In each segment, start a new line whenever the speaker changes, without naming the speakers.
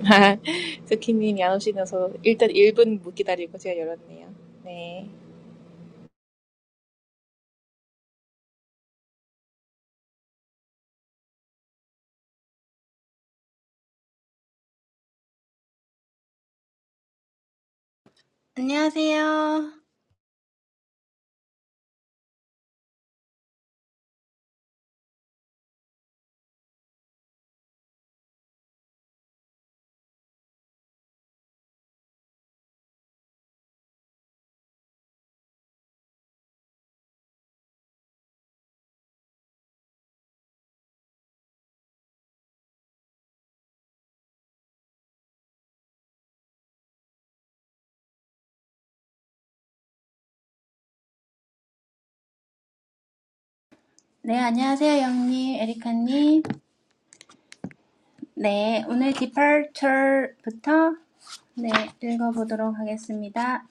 스키님, 야무지셔서 일단 1분 못 기다리고 제가 열었네요. 네,
안녕하세요. 네, 안녕하세요, 영님, 에리카님. 네, 오늘 departure부터 네, 읽어보도록 하겠습니다.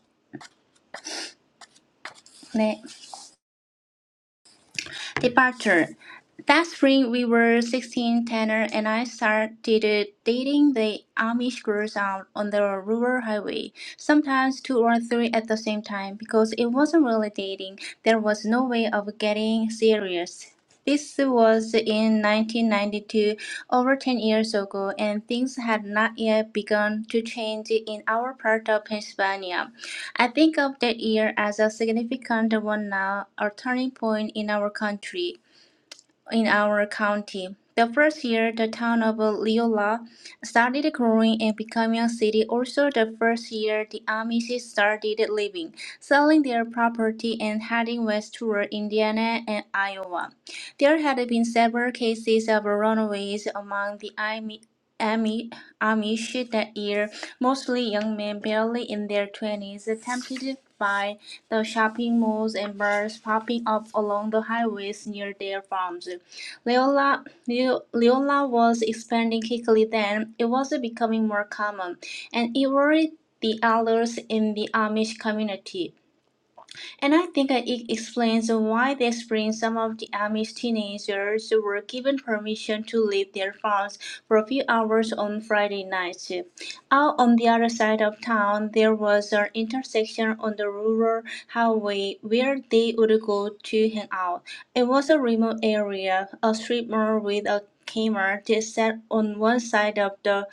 네. Departure. That spring we were 16, Tanner and I started dating the Amish girls out on the rural highway, sometimes two or three at the same time, because it wasn't really dating. There was no way of getting serious. This was in 1992, over 10 years ago, and things had not yet begun to change in our part of Pennsylvania. I think of that year as a significant one now, a turning point in our country in our county. The first year the town of Leola started growing and becoming a city, also the first year the Amish started leaving, selling their property and heading west toward Indiana and Iowa. There had been several cases of runaways among the Ami- Ami- Amish that year, mostly young men barely in their 20s, tempted by the shopping malls and bars popping up along the highways near their farms. Leola, Leo- Leola was expanding quickly then, it was becoming more common, and it worried the elders in the Amish community. And I think that it explains why they spring some of the Amish teenagers were given permission to leave their farms for a few hours on Friday nights. Out on the other side of town, there was an intersection on the rural highway where they would go to hang out. It was a remote area, a street mall with a Kmart that sat on one side of the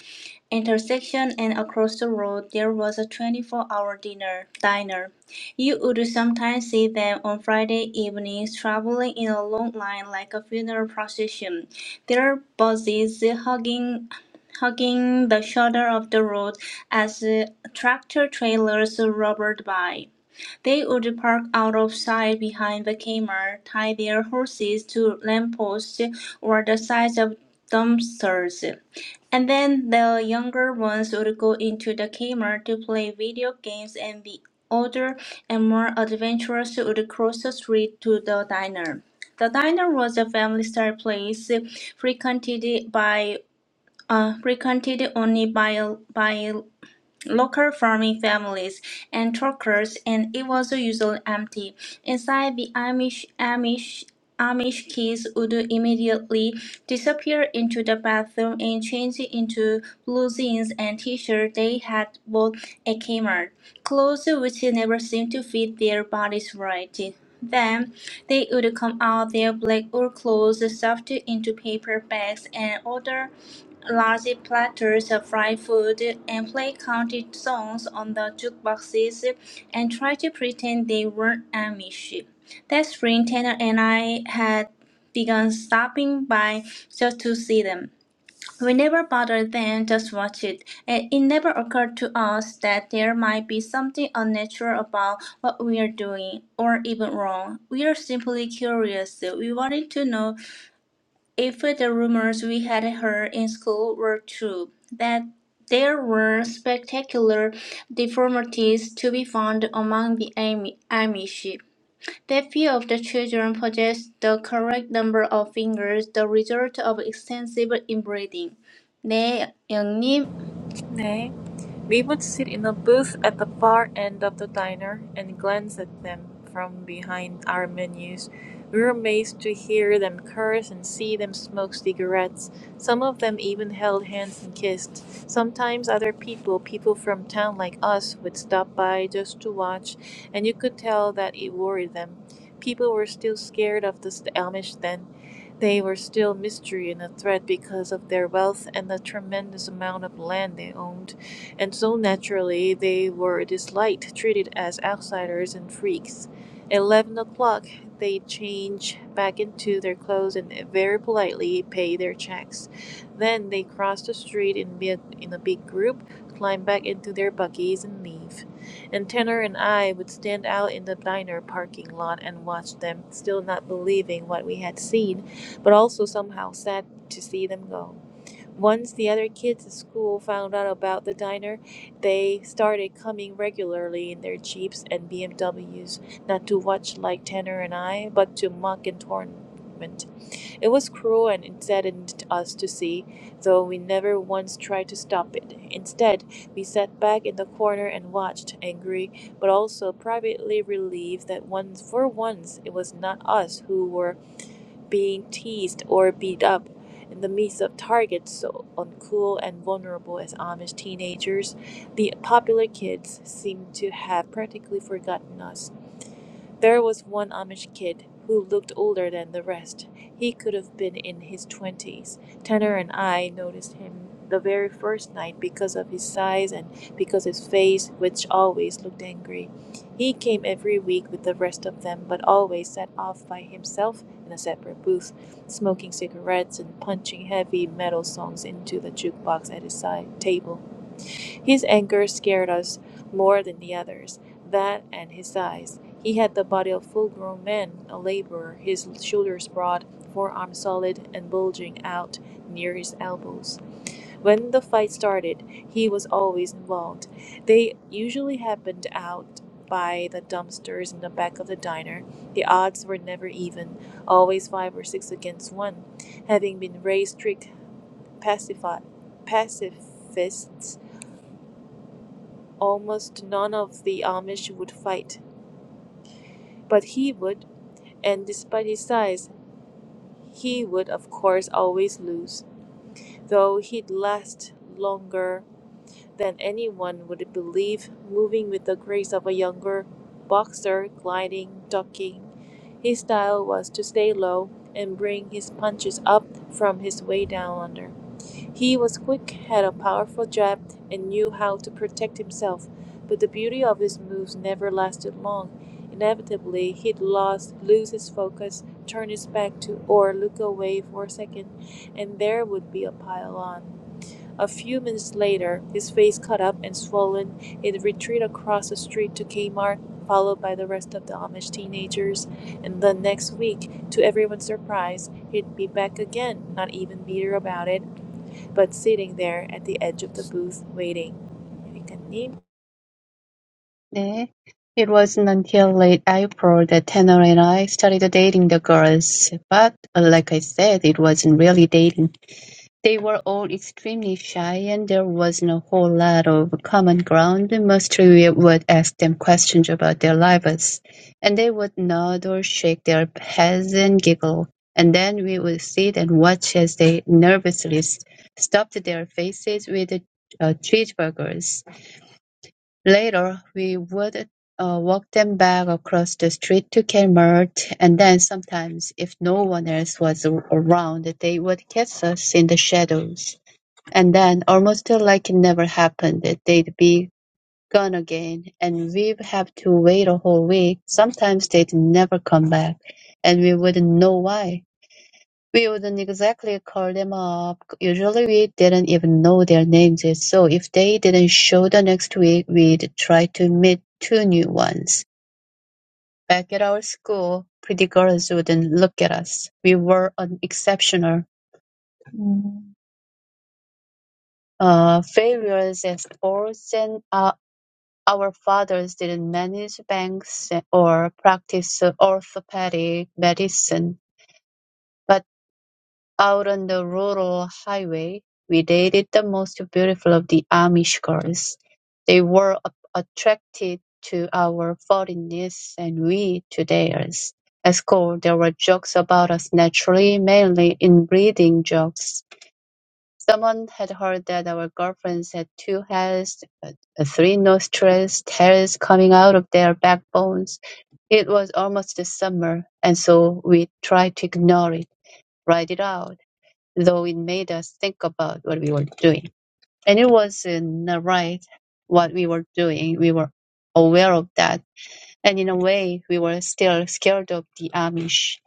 intersection and across the road there was a 24-hour dinner diner. You would sometimes see them on Friday evenings traveling in a long line like a funeral procession, their bodies hugging hugging the shoulder of the road as uh, tractor trailers roared by. They would park out of sight behind the camera, tie their horses to lampposts or the sides of dumpsters, and then the younger ones would go into the camera to play video games and the older and more adventurous would cross the street to the diner. The diner was a family-style place frequented by uh, frequented only by by local farming families and truckers, and it was usually empty. Inside, the Amish, Amish, Amish kids would immediately disappear into the bathroom and change into blue jeans and t-shirt they had bought at Kmart, clothes which never seemed to fit their bodies right. Then they would come out their black wool clothes stuffed into paper bags and other large platters of fried food and play country songs on the jukeboxes and try to pretend they weren't Amish. That spring, Tanner and I had begun stopping by just to see them. We never bothered them, just watched it, and it never occurred to us that there might be something unnatural about what we are doing, or even wrong. We are simply curious. We wanted to know if the rumors we had heard in school were true, that there were spectacular deformities to be found among the Ami- Amish, that few of the children possessed the correct number of fingers, the result of extensive inbreeding. 네,
네. We would sit in a booth at the far end of the diner and glance at them from behind our menus. We were amazed to hear them curse and see them smoke cigarettes. Some of them even held hands and kissed. Sometimes other people, people from town like us, would stop by just to watch, and you could tell that it worried them. People were still scared of the Amish then. They were still mystery and a threat because of their wealth and the tremendous amount of land they owned and so naturally they were disliked, treated as outsiders and freaks. At 11 o'clock, they change back into their clothes and very politely pay their checks. Then they cross the street in, bi- in a big group, climb back into their buggies, and leave. And Tanner and I would stand out in the diner parking lot and watch them, still not believing what we had seen, but also somehow sad to see them go. Once the other kids at school found out about the diner, they started coming regularly in their Jeeps and BMWs, not to watch like Tanner and I, but to mock and torment. It was cruel and it saddened us to see, though we never once tried to stop it. Instead, we sat back in the corner and watched, angry, but also privately relieved that once for once it was not us who were being teased or beat up in the midst of targets so uncool and vulnerable as Amish teenagers, the popular kids seem to have practically forgotten us there was one Amish kid who looked older than the rest. He could have been in his twenties. Tanner and I noticed him the very first night because of his size and because his face, which always looked angry. He came every week with the rest of them, but always sat off by himself in a separate booth, smoking cigarettes and punching heavy metal songs into the jukebox at his side table. His anger scared us more than the others that and his size. He had the body of a full grown man, a laborer, his shoulders broad, forearms solid and bulging out near his elbows. When the fight started, he was always involved. They usually happened out by the dumpsters in the back of the diner. The odds were never even, always five or six against one. Having been raised strict pacifi- pacifists, almost none of the Amish would fight, but he would and despite his size, he would of course always lose, though he'd last longer than anyone would believe, moving with the grace of a younger boxer, gliding, ducking. His style was to stay low and bring his punches up from his way down under. He was quick, had a powerful jab, and knew how to protect himself, but the beauty of his moves never lasted long. Inevitably, he'd lost, lose his focus, turn his back to or look away for a second, and there would be a pile on. A few minutes later, his face cut up and swollen, he'd retreat across the street to Kmart, followed by the rest of the Amish teenagers, and the next week, to everyone's surprise, he'd be back again, not even bitter about it, but sitting there at the edge of the booth, waiting. 여기까지.
네. It wasn't until late April that Tanner and I started dating the girls. But like I said, it wasn't really dating. They were all extremely shy and there wasn't a whole lot of common ground. Mostly we would ask them questions about their lives and they would nod or shake their heads and giggle. And then we would sit and watch as they nervously s- stuffed their faces with uh, cheeseburgers. Later, we would uh, walk them back across the street to Kmart, and then sometimes, if no one else was a- around, they would kiss us in the shadows. And then, almost like it never happened, they'd be gone again, and we'd have to wait a whole week. Sometimes they'd never come back, and we wouldn't know why. We wouldn't exactly call them up. Usually we didn't even know their names, so if they didn't show the next week, we'd try to meet two new ones. Back at our school, pretty girls wouldn't look at us. We were unexceptional Mm. uh, failures at sports, and uh, our fathers didn't manage banks or practice orthopedic medicine. but Out on the rural highway, we dated the most beautiful of the Amish girls. They were a- attracted to our foreignness and we to theirs. At school, there were jokes about us naturally, mainly inbreeding jokes. Someone had heard that our girlfriends had two heads, uh, three nostrils, tails coming out of their backbones. It was almost the summer, and so we tried to ignore it, ride it out though it made us think about what we were doing. And it wasn't right what we were doing. We were aware of that. And in a way, we were still scared of the Amish.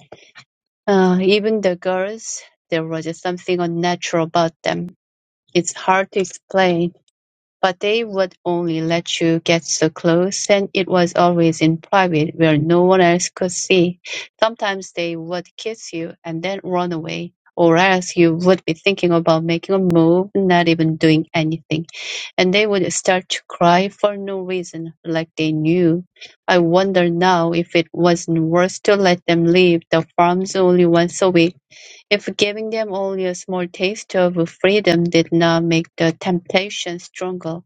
Uh, even the girls, there was just something unnatural about them. It's hard to explain but they would only let you get so close, and it was always in private where no one else could see. Sometimes they would kiss you and then run away, or else you would be thinking about making a move, not even doing anything, and they would start to cry for no reason, like they knew. I wonder now if it wasn't worse to let them leave the farms only once a week if giving them only a small taste of freedom did not make the temptation stronger.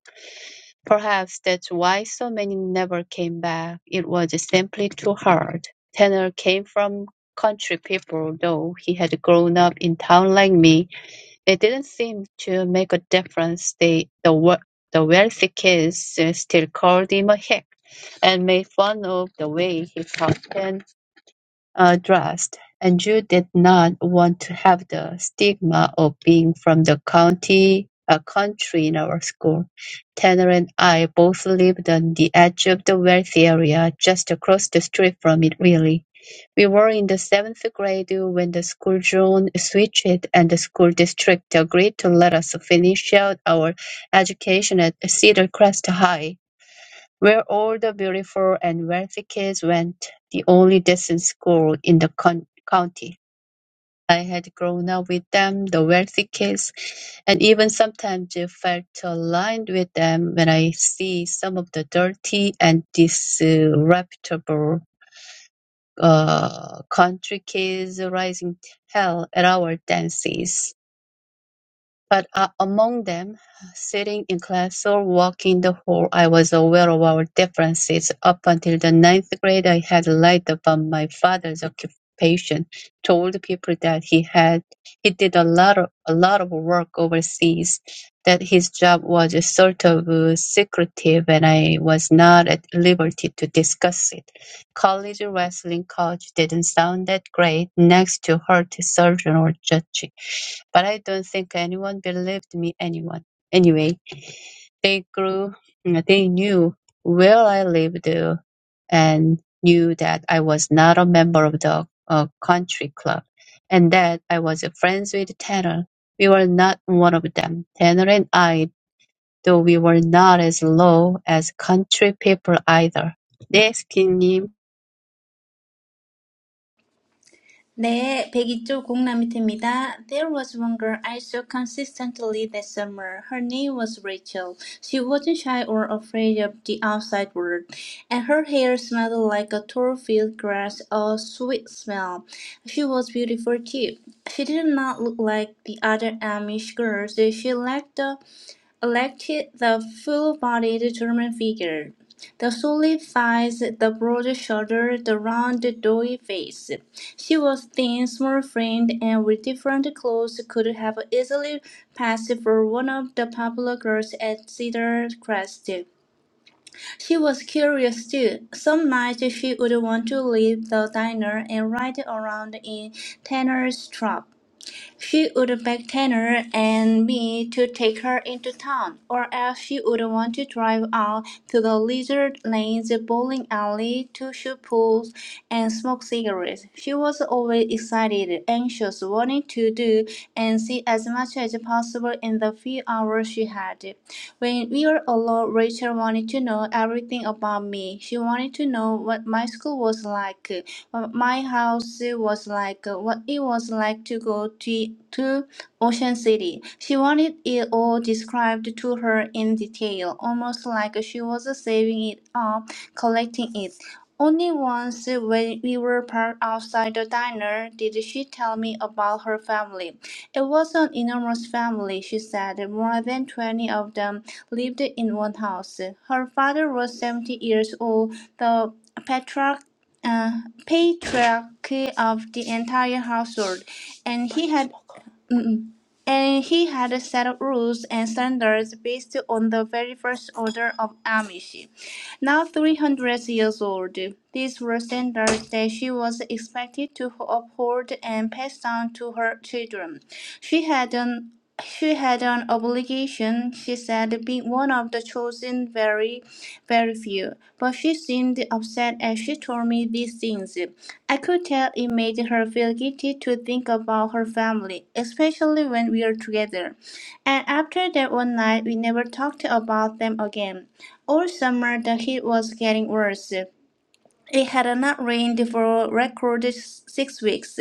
Perhaps that's why so many never came back. It was simply too hard. Tanner came from country people, though he had grown up in town like me. It didn't seem to make a difference. They, the, wea- the wealthy kids uh, still called him a hick and made fun of the way he talked and uh, dressed, and you did not want to have the stigma of being from the county, uh, country in our school. Tanner and I both lived on the edge of the wealthy area, just across the street from it, really. We were in the seventh grade when the school zone switched and the school district agreed to let us finish out our education at Cedar Crest High where all the beautiful and wealthy kids went, the only decent school in the con- county. I had grown up with them, the wealthy kids, and even sometimes I felt aligned with them when I see some of the dirty and disreputable uh, country kids rising hell at our dances. But uh, among them, sitting in class or walking the hall, I was aware of our differences. Up until the ninth grade, I had lied about my father's occupation, told people that he had he did a lot of a lot of work overseas, that his job was sort of uh, secretive, and I was not at liberty to discuss it. College wrestling coach didn't sound that great next to heart surgeon or judge, but I don't think anyone believed me anyone. Anyway, they grew, they knew where I lived uh, and knew that I was not a member of the uh, country club and that I was friends with Tanner. We were not one of them. Tanner and I, though we were not as low as country people either. 네,
네, 102조 공람입니다. There was one girl I saw consistently that summer. Her name was Rachel. She wasn't shy or afraid of the outside world, and her hair smelled like a tall field grass, a sweet smell. She was beautiful too. She did not look like the other Amish girls. She lacked the elected the full-bodied German figure, the solid thighs, the broad shoulder, the round, doughy face. She was thin, small-framed, and with different clothes could have easily passed for one of the popular girls at Cedar Crest. She was curious too. Some nights she would want to leave the diner and ride around in Tanner's trap. She would beg Tanner and me to take her into town, or else she would want to drive out to the lizard lane, the bowling alley, to shoot pools, and smoke cigarettes. She was always excited, anxious, wanting to do and see as much as possible in the few hours she had. When we were alone, Rachel wanted to know everything about me. She wanted to know what my school was like. Uh, My house was like uh, what it was like to go to to Ocean City. She wanted it all described to her in detail, almost like she was saving it up, collecting it. Only once when we were parked outside the diner did she tell me about her family. It was an enormous family, she said. More than 20 of them lived in one house. Her father was 70 years old, the patriarch uh, patriarch of the entire household, and he had mm, and he had a set of rules and standards based on the very first order of Amish. Now 300 years old, these were standards that she was expected to uphold and pass down to her children. She had an she had an obligation, she said, being one of the chosen very, very few. But she seemed upset as she told me these things. I could tell it made her feel guilty to think about her family, especially when we were together. And after that one night, we never talked about them again. All summer, the heat was getting worse. It had not rained for record six weeks.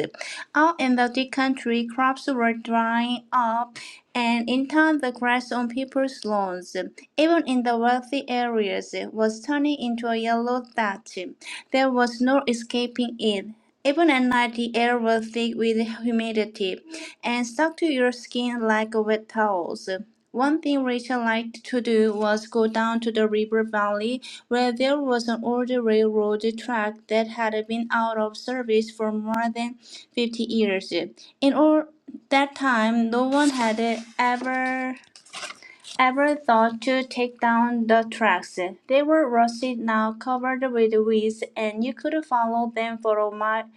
All in the country, crops were drying up, and in time the grass on people's lawns, even in the wealthy areas, was turning into a yellow dot. There was no escaping it. Even at night, the air was thick with humidity and stuck to your skin like wet towels. One thing Rachel liked to do was go down to the river valley, where there was an old railroad track that had been out of service for more than 50 years. In all that time, no one had ever Ever thought to take down the tracks. They were rusty now, covered with weeds, and you could follow them for a mile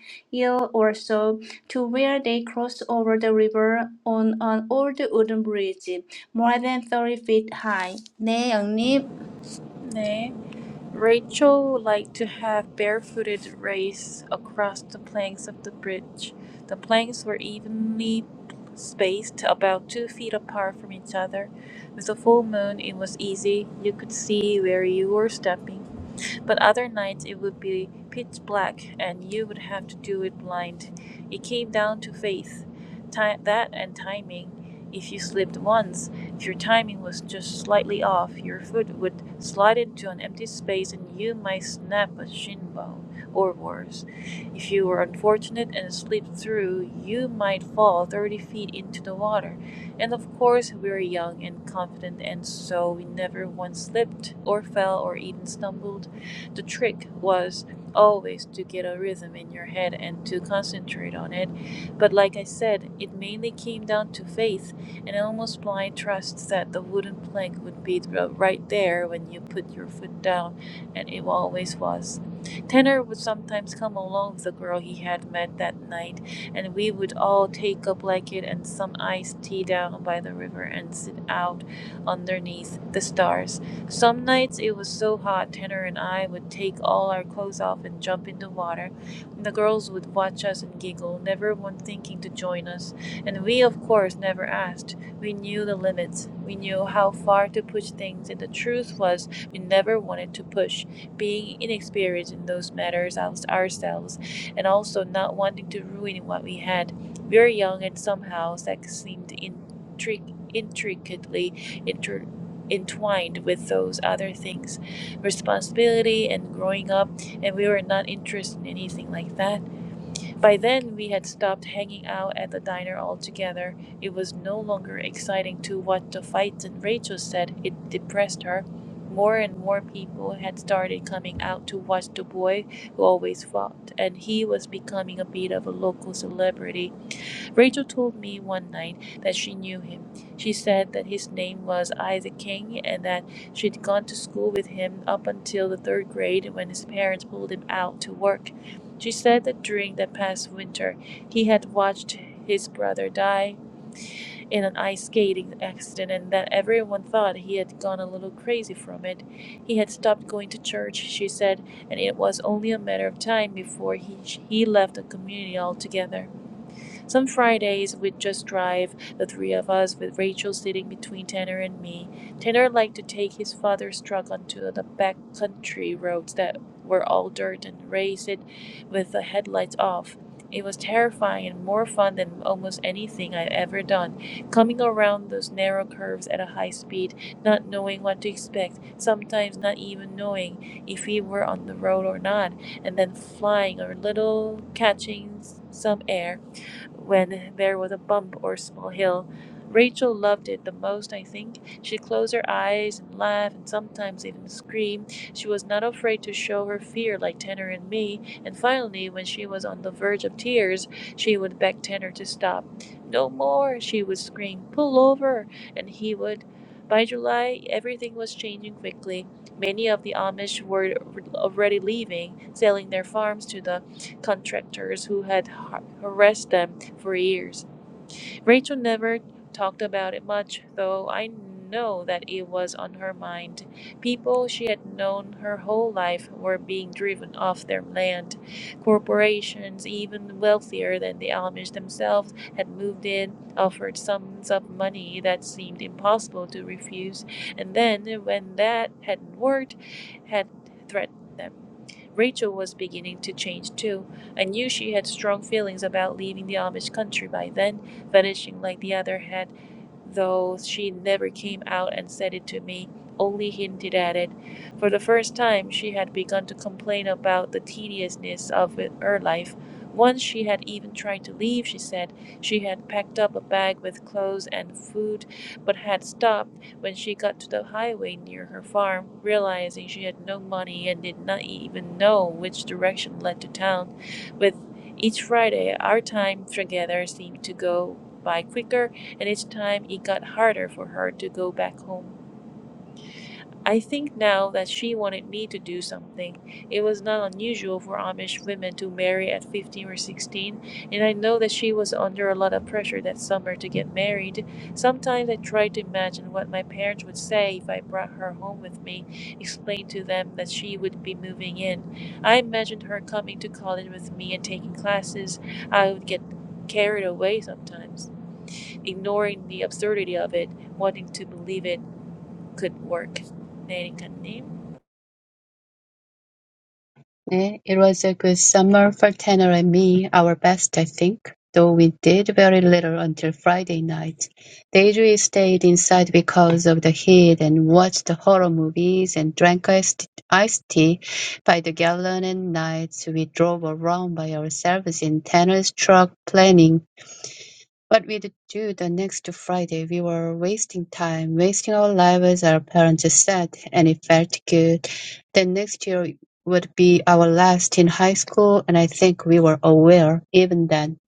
or so to where they crossed over the river on an old wooden bridge, more than 30 feet high. 네, 영님.
네. Rachel liked to have barefooted race across the planks of the bridge. The planks were evenly spaced, about two feet apart from each other. With the full moon, it was easy. You could see where you were stepping. But other nights it would be pitch black and you would have to do it blind. It came down to faith, ti that and timing. If you slipped once, if your timing was just slightly off, your foot would slide into an empty space and you might snap a shin bone or worse. If you were unfortunate and slipped through, you might fall 30 feet into the water. And of course, we were young and confident, and so we never once slipped or fell or even stumbled. The trick was always to get a rhythm in your head and to concentrate on it. But like I said, it mainly came down to faith and almost blind trust that the wooden plank would be the- right there when you put your foot down, and it always was. Tanner would sometimes come along with the girl he had met that night, and we would all take a blanket and some iced tea down by the river and sit out underneath the stars. Some nights it was so hot, Tanner and I would take all our clothes off and jump into water. The girls would watch us and giggle, never one thinking to join us. And we, of course, never asked. We knew the limits. We knew how far to push things, and the truth was, we never wanted to push, being inexperienced in those matters ours- ourselves, and also not wanting to ruin what we had. We were young, and somehow sex seemed intric- intricately inter- entwined with those other things responsibility and growing up and we were not interested in anything like that by then we had stopped hanging out at the diner altogether it was no longer exciting to watch the fights and rachel said it depressed her more and more people had started coming out to watch the boy who always fought and he was becoming a bit of a local celebrity Rachel told me one night that she knew him. She said that his name was Isaac King and that she'd gone to school with him up until the third grade when his parents pulled him out to work. She said that during that past winter, he had watched his brother die in an ice skating accident and that everyone thought he had gone a little crazy from it. He had stopped going to church, she said, and it was only a matter of time before he, he left the community altogether. Some Fridays we'd just drive, the three of us, with Rachel sitting between Tanner and me. Tanner liked to take his father's truck onto the back country roads that were all dirt and race it with the headlights off. It was terrifying and more fun than almost anything I'd ever done. Coming around those narrow curves at a high speed, not knowing what to expect, sometimes not even knowing if we were on the road or not, and then flying a little, catching some air, when there was a bump or small hill. Rachel loved it the most, I think. She closed her eyes and laughed and sometimes even screamed. She was not afraid to show her fear like Tanner and me, and finally, when she was on the verge of tears, she would beg Tanner to stop. No more, she would scream, pull over, and he would. By July, everything was changing quickly. Many of the Amish were already leaving, selling their farms to the contractors who had harassed them for years. Rachel never talked about it much, though I know that it was on her mind. People she had known her whole life were being driven off their land. Corporations, even wealthier than the Amish themselves, had moved in, offered sums of money that seemed impossible to refuse, and then, when that hadn't worked, had threatened them. Rachel was beginning to change too. I knew she had strong feelings about leaving the Amish country by then, finishing like the other head though she never came out and said it to me, only hinted at it. For the first time, she had begun to complain about the tediousness of her life. Once she had even tried to leave, she said. She had packed up a bag with clothes and food, but had stopped when she got to the highway near her farm, realizing she had no money and did not even know which direction led to town. With each Friday, our time together seemed to go by quicker and each time it got harder for her to go back home. I think now that she wanted me to do something. It was not unusual for Amish women to marry at 15 or 16, and I know that she was under a lot of pressure that summer to get married. Sometimes I tried to imagine what my parents would say if I brought her home with me, explained to them that she would be moving in. I imagined her coming to college with me and taking classes. I would get carried away sometimes ignoring the absurdity of it, wanting to believe it could work. 네, 리카님.
Eh, It was a good summer for Tanner and me, our best, I think, though we did very little until Friday night. They stayed inside because of the heat and watched horror movies and drank iced, iced tea by the gallon and nights we drove around by ourselves in Tanner's truck planning what we'd do the next Friday, we were wasting time, wasting our lives, our parents said, and it felt good. Then next year would be our last in high school, and I think we were aware, even then,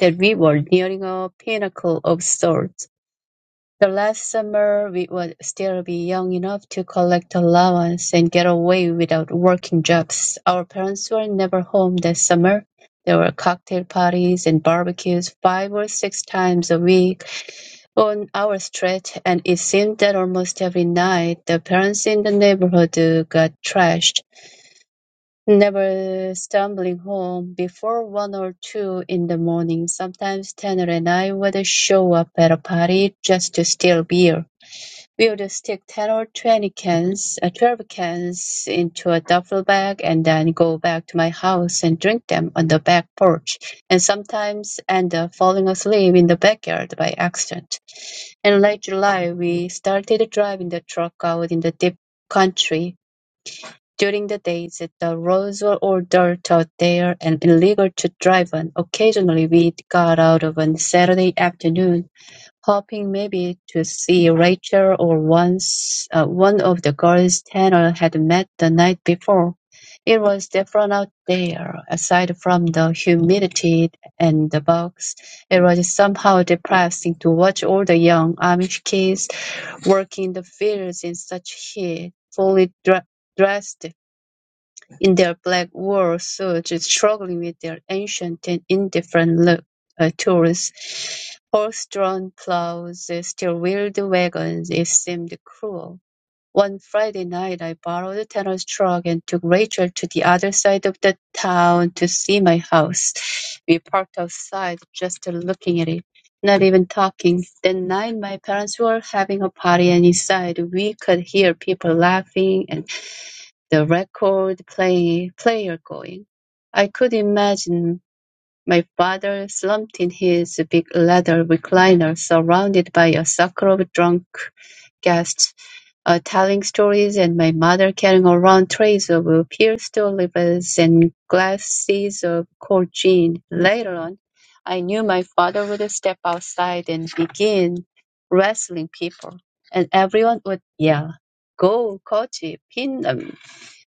that we were nearing a pinnacle of sorts. The last summer, we would still be young enough to collect allowance and get away without working jobs. Our parents were never home that summer. There were cocktail parties and barbecues five or six times a week on our street, and it seemed that almost every night the parents in the neighborhood uh, got trashed, never stumbling home before one or two in the morning. Sometimes Tanner and I would show up at a party just to steal beer. We would stick 10 or 20 cans, uh, 12 cans into a duffel bag and then go back to my house and drink them on the back porch, and sometimes end up falling asleep in the backyard by accident. In late July we started driving the truck out in the deep country. During the days the roads were all dirt out there and illegal to drive on. Occasionally we got out of on Saturday afternoon hoping maybe to see Rachel or once uh, one of the girls Tanner had met the night before. It was different out there. Aside from the humidity and the bugs, it was somehow depressing to watch all the young Amish kids working the fields in such heat, fully dre- dressed in their black war suits, struggling with their ancient and indifferent look, uh, tools, horse-drawn plows, steel-wheeled wagons, it seemed cruel. One Friday night I borrowed a tennis truck and took Rachel to the other side of the town to see my house. We parked outside, just looking at it, not even talking. That night my parents were having a party and inside we could hear people laughing and the record play, player going. I could imagine my father slumped in his big leather recliner, surrounded by a circle of drunk guests, uh, telling stories, and my mother carrying around trays of pierced olives and glasses of cold gin. Later on, I knew my father would step outside and begin wrestling people, and everyone would yell, "Go, Kochi! Pin them!"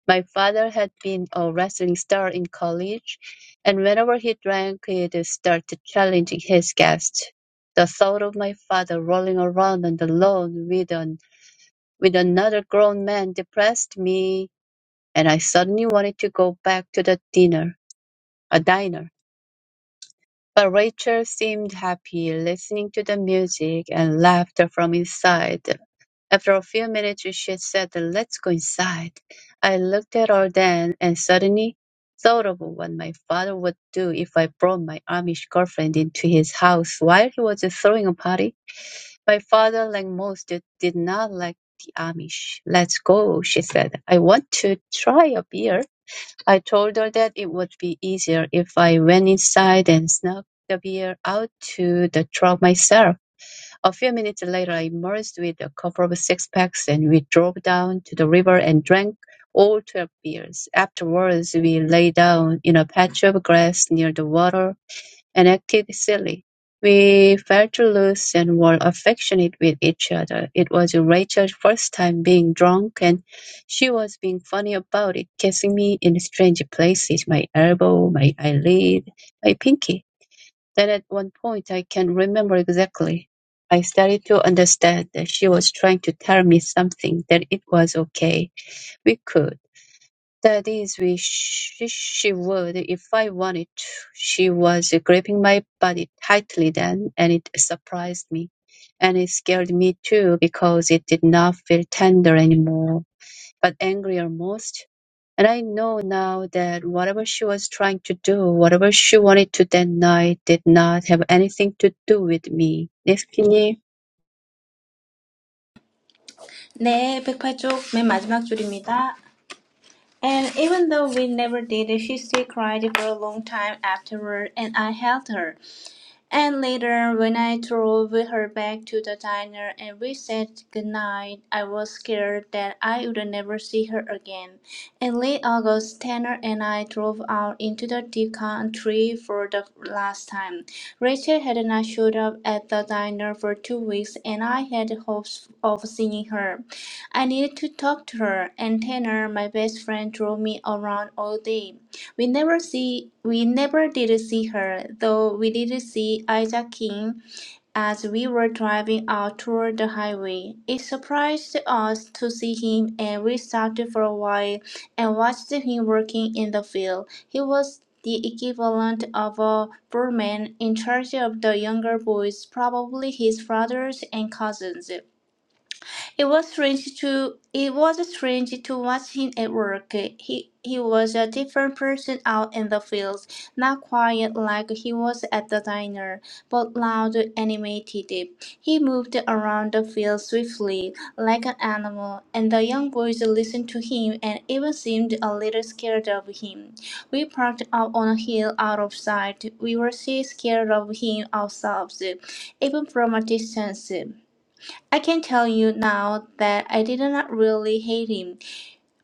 My father had been a wrestling star in college, and whenever he drank, he'd start challenging his guests. The thought of my father rolling around on the lawn with, an, with another grown man depressed me, and I suddenly wanted to go back to the dinner, a diner. But Rachel seemed happy listening to the music and laughter from inside. After a few minutes she said, Let's go inside. I looked at her then and suddenly thought of what my father would do if I brought my Amish girlfriend into his house while he was throwing a party. My father, like most, did not like the Amish. Let's go, she said. I want to try a beer. I told her that it would be easier if I went inside and snuck the beer out to the truck myself. A few minutes later I emerged with a couple of six-packs, and we drove down to the river and drank all twelve beers. Afterwards, we lay down in a patch of grass near the water and acted silly. We felt loose and were affectionate with each other. It was Rachel's first time being drunk, and she was being funny about it, kissing me in strange places, my elbow, my eyelid, my pinky. Then at one point, I can remember exactly. I started to understand that she was trying to tell me something, that it was okay. We could. That is, we she, she would if I wanted to. She was gripping my body tightly then, and it surprised me. And it scared me too because it did not feel tender anymore, but angry almost. And I know now that whatever she was trying to do, whatever she wanted to that night, did not have anything to do with me. Nifty,
네, 백팔 쪽 맨 마지막 줄입니다. And even though we never did, she still cried for a long time afterward, and I held her. And later, when I drove with her back to the diner and we said goodnight, I was scared that I would never see her again. In late August, Tanner and I drove out into the deep country for the last time. Rachel had not showed up at the diner for two weeks, and I had hopes of seeing her. I needed to talk to her, and Tanner, my best friend, drove me around all day. We never see we never did see her, though we did see Isaac King as we were driving out toward the highway. It surprised us to see him and we stopped for a while and watched him working in the field. He was the equivalent of a foreman in charge of the younger boys, probably his brothers and cousins. It was strange to it was strange to watch him at work. He he was a different person out in the fields, not quiet like he was at the diner, but loud and animated. He moved around the field swiftly, like an animal, and the young boys listened to him and even seemed a little scared of him. We parked up on a hill out of sight. We were so scared of him ourselves, even from a distance. I can tell you now that I did not really hate him.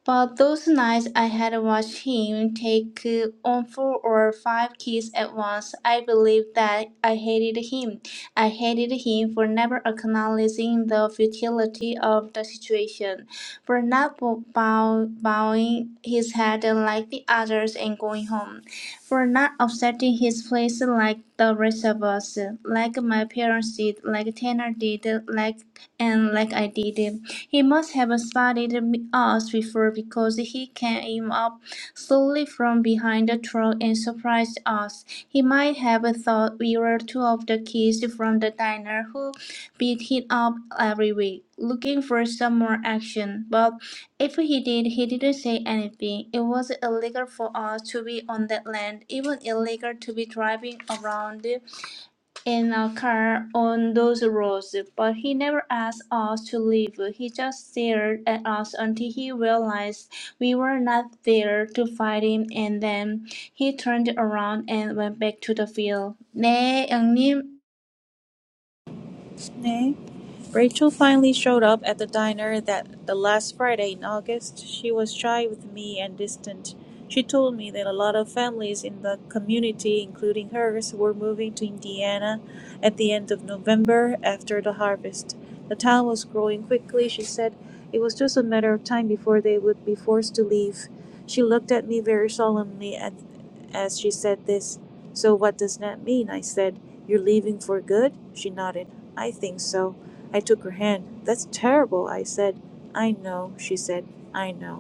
But those nights I had watched him take uh, on four or five kids at once, I believe that I hated him. I hated him for never acknowledging the futility of the situation, for not bo- bow- bowing his head like the others and going home, for not upsetting his place like the rest of us, like my parents did, like Tanner did, like and like I did. He must have spotted us before because he came up slowly from behind the truck and surprised us. He might have thought we were two of the kids from the diner who beat him up every week, looking for some more action. But if he did, he didn't say anything. It was illegal for us to be on that land, even illegal to be driving around in a car on those roads, but he never asked us to leave. He just stared at us until he realized we were not there to fight him, and then he turned around and went back to the field. 네, 영님.
네. Rachel finally showed up at the diner that the last Friday in August. She was shy with me and distant. She told me that a lot of families in the community, including hers, were moving to Indiana at the end of November after the harvest. The town was growing quickly, she said. It was just a matter of time before they would be forced to leave. She looked at me very solemnly at, as she said this. So, what does that mean? I said. You're leaving for good? She nodded. I think so. I took her hand. That's terrible, I said. I know, she said. I know.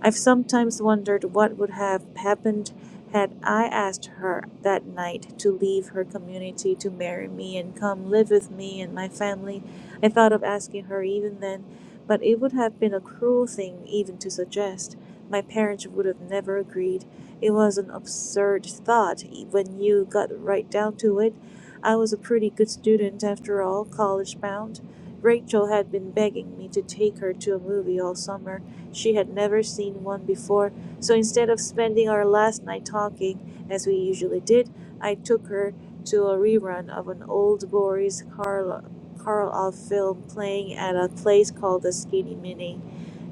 I've sometimes wondered what would have happened had I asked her that night to leave her community to marry me and come live with me and my family. I thought of asking her even then, but it would have been a cruel thing even to suggest. My parents would have never agreed. It was an absurd thought e, when you got right down to it. I was a pretty good student after all, college bound. Rachel had been begging me to take her to a movie all summer she had never seen one before, so instead of spending our last night talking, as we usually did, I took her to a rerun of an old Boris Karl- Karloff film playing at a place called the Skinny Mini.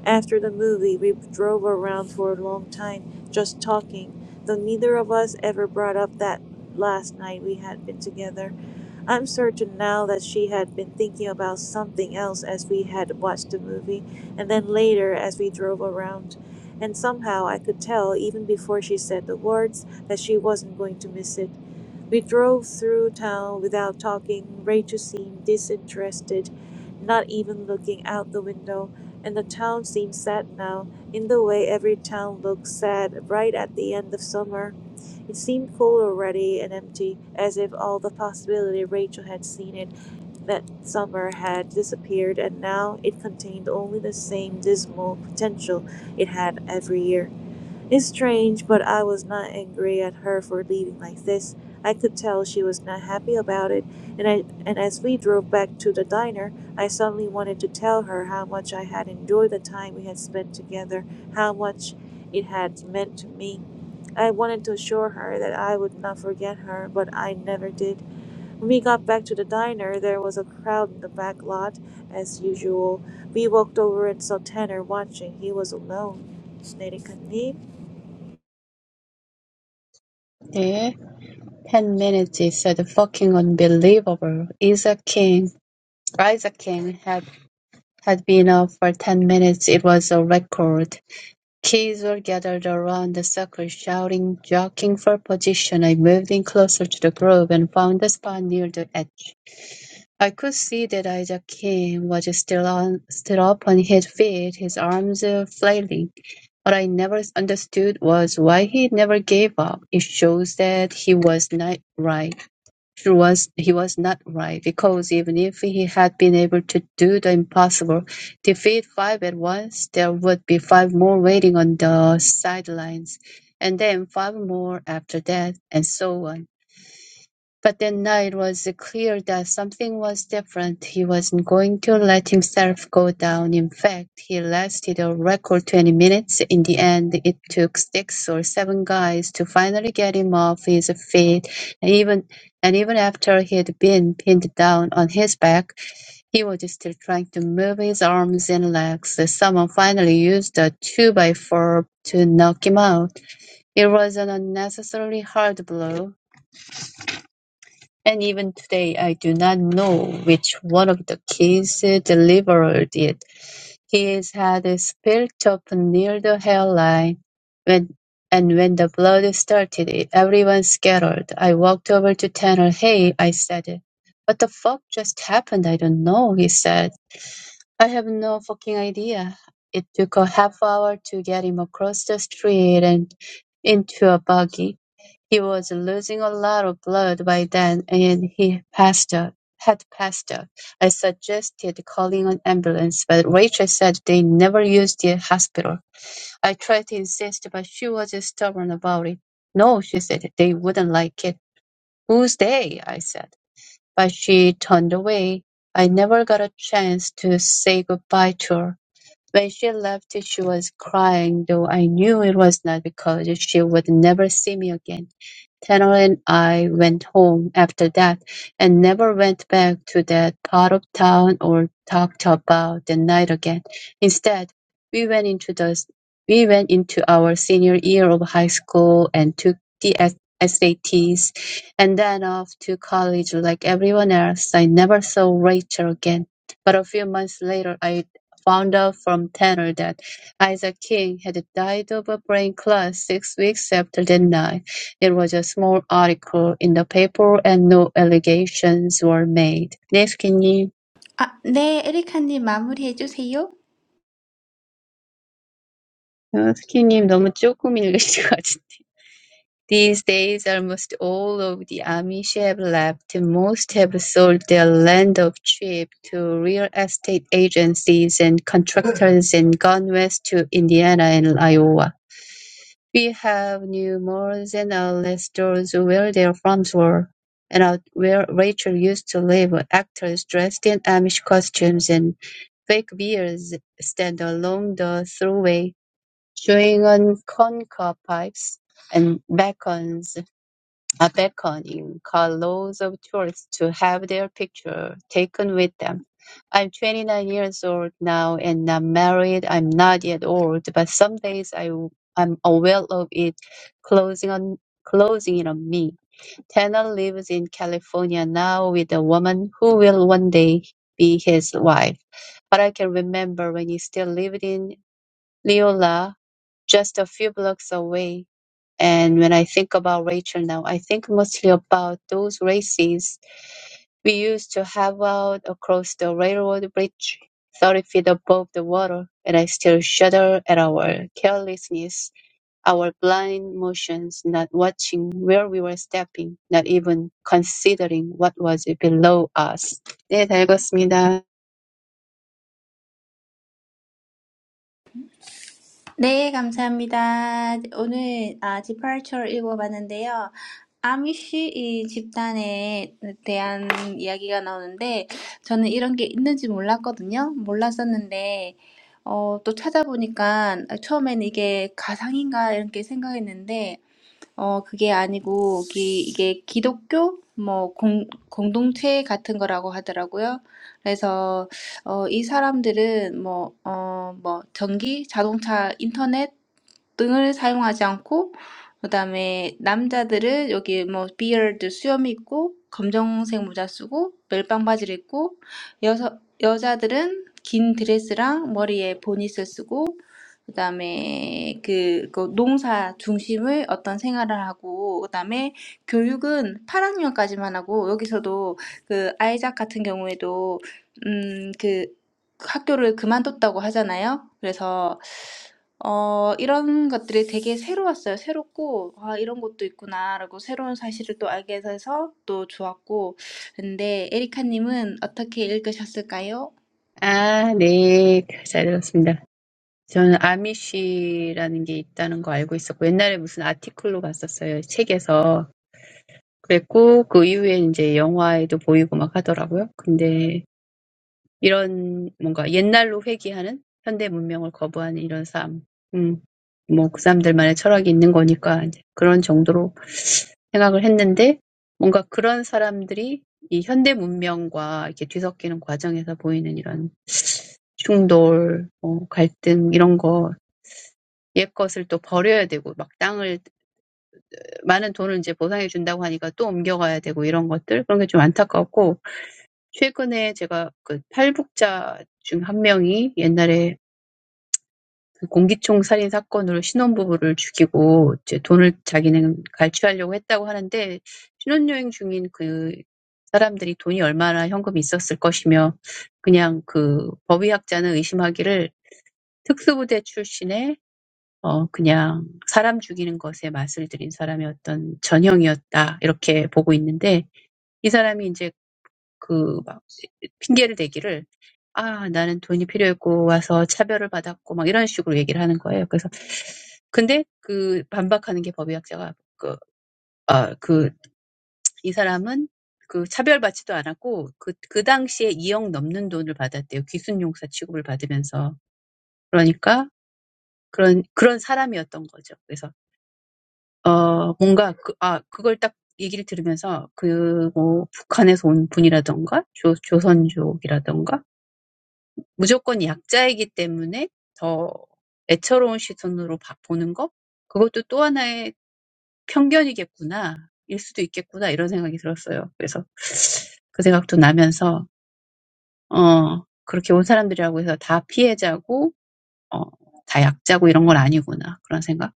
After the movie, we drove around for a long time, just talking, though neither of us ever brought up that last night we had been together. I'm certain now that she had been thinking about something else as we had watched the movie, and then later as we drove around. And somehow I could tell, even before she said the words, that she wasn't going to miss it. We drove through town without talking. Rachel seemed disinterested, not even looking out the window, and the town seemed sad now, in the way every town looks sad right at the end of summer. It seemed full already and empty, as if all the possibility Rachel had seen it that summer had disappeared, and now it contained only the same dismal potential it had every year. It's strange, but I was not angry at her for leaving like this. I could tell she was not happy about it, and I and as we drove back to the diner, I suddenly wanted to tell her how much I had enjoyed the time we had spent together, how much it had meant to me. I wanted to assure her that I would not forget her, but I never did. When we got back to the diner, there was a crowd in the back lot, as usual. We walked over and saw Tanner watching. He was alone.
네. 10 minutes is said fucking unbelievable. Isaac King, Isaac King had, had been up for 10 minutes. It was a record. Kids were gathered around the circle shouting, jockeying for position. I moved in closer to the group and found a spot near the edge. I could see that Isaac King was still on, still up on his feet, his arms uh, flailing. What I never understood was why he never gave up. It shows that he was not right. He was, he was not right because even if he had been able to do the impossible, defeat five at once, there would be five more waiting on the sidelines, and then five more after that, and so on. But that night was clear that something was different. He wasn't going to let himself go down. In fact, he lasted a record 20 minutes. In the end, it took six or seven guys to finally get him off his feet. And even, and even after he'd been pinned down on his back, he was still trying to move his arms and legs. Someone finally used a two by four to knock him out. It was an unnecessarily hard blow and even today, I do not know which one of the keys delivered it. His head spilt up near the hairline, when, and when the blood started, everyone scattered. I walked over to Tanner. Hey, I said. What the fuck just happened? I don't know, he said. I have no fucking idea. It took a half hour to get him across the street and into a buggy. He was losing a lot of blood by then and he passed out. Had passed out. I suggested calling an ambulance, but Rachel said they never used the hospital. I tried to insist, but she was stubborn about it. No, she said, they wouldn't like it. Who's they? I said. But she turned away. I never got a chance to say goodbye to her. When she left, she was crying, though I knew it was not because she would never see me again. Tanner and I went home after that, and never went back to that part of town or talked about the night again. Instead, we went into the we went into our senior year of high school and took the S- SATs, and then off to college like everyone else. I never saw Rachel again, but a few months later, I found out from Tanner that Isaac King had died of a brain clot six weeks after that night. It was a small article in the paper and no allegations were made. 네, 스키님.
아, 네, 에리카님 마무리해 주세요.
아, 스키님 너무 조금 읽으신 것 같은데. These days almost all of the Amish have left. Most have sold their land of trip to real estate agencies and contractors and gone west to Indiana and Iowa. We have new malls and outlet stores where their farms were, and out where Rachel used to live. Actors dressed in Amish costumes and fake beards stand along the thruway, chewing on corncob pipes and bacons are beckoning carloads of tourists to have their picture taken with them. I'm 29 years old now and not married. I'm not yet old, but some days I, I'm aware of it closing on closing in on me. Tanner lives in California now with a woman who will one day be his wife. But I can remember when he still lived in Leola, just a few blocks away. And when I think about Rachel now, I think mostly about those races we used to have out across the railroad bridge, 30 feet above the water, and I still shudder at our carelessness, our blind motions, not watching where we were stepping, not even considering what was below us. 네, 다 읽었습니다.
네, 감사합니다. 오늘 아, 디파처를 읽어봤는데요. 아미쉬 이 집단에 대한 이야기가 나오는데 저는 이런 게 있는지 몰랐거든요. 몰랐었는데 어, 또 찾아보니까 처음엔 이게 가상인가 이렇게 생각했는데 어, 그게 아니고, 기, 이게 기독교? 뭐, 공, 공동체 같은 거라고 하더라고요. 그래서, 어, 이 사람들은 뭐, 어, 뭐, 전기, 자동차, 인터넷, 등을 사용하지 않고 그다음에 남자들은 여기 뭐 비어드 수염 있고 검정색 모자 쓰고 멜빵 바지를 입고 여서, 여자들은 긴 드레스랑 머리에 보니스 쓰고 그다음에 그, 그 농사 중심의 어떤 생활을 하고 그다음에 교육은 8학년까지만 하고 여기서도 그 아이작 같은 경우에도 음, 그 학교를 그만뒀다고 하잖아요. 그래서 어 이런 것들이 되게 새로웠어요. 새롭고 '아 이런 것도 있구나.'라고 새로운 사실을 또 알게 돼서 또 좋았고 근데 에리카님은 어떻게 읽으셨을까요?
아, 네, 잘 읽었습니다. 저는 아미시라는 게 있다는 거 알고 있었고 옛날에 무슨 아티클로 봤었어요. 책에서. 그랬고 그 이후에 이제 영화에도 보이고 막 하더라고요. 근데 이런 뭔가 옛날로 회귀하는 현대 문명을 거부하는 이런 삶. 음. 뭐 그 사람들만의 철학이 있는 거니까 이제 그런 정도로 생각을 했는데 뭔가 그런 사람들이 이 현대 문명과 이렇게 뒤섞이는 과정에서 보이는 이런 충돌, 뭐 갈등 이런 거 옛 것을 또 버려야 되고 막 땅을 많은 돈을 이제 보상해 준다고 하니까 또 옮겨가야 되고 이런 것들 그런 게좀 안타깝고 최근에 제가 그 탈북자 중 한 명이 옛날에 그 공기총 살인 사건으로 신혼부부를 죽이고 이제 돈을 자기는 갈취하려고 했다고 하는데 신혼여행 중인 그 사람들이 돈이 얼마나 현금이 있었을 것이며 그냥 그 법의학자는 의심하기를 특수부대 출신의 어 그냥 사람 죽이는 것에 맛을 들인 사람의 어떤 전형이었다 이렇게 보고 있는데 이 사람이 인제 그막 핑계를 대기를 아 나는 돈이 필요했고 와서 차별을 받았고 막 이런 식으로 얘기를 하는 거예요. 그래서 근데 그 반박하는 게 법의학자가 그, 아, 그, 이 사람은 그 차별받지도 않았고 그, 그 당시에 2억 넘는 돈을 받았대요. 귀순용사 취급을 받으면서. 그러니까 그런, 그런 사람이었던 거죠. 그래서 어, 뭔가 그, 아, 그걸 딱 얘기를 들으면서 그, 뭐, 북한에서 온 분이라던가, 조, 조선족이라던가, 무조건 약자이기 때문에 더 애처로운 시선으로 봐, 보는 거? 그것도 또 하나의 편견이겠구나, 일 수도 있겠구나, 이런 생각이 들었어요. 그래서 그 생각도 나면서, 어, 그렇게 온 사람들이라고 해서 다 피해자고, 어, 다 약자고 이런 건 아니구나, 그런 생각.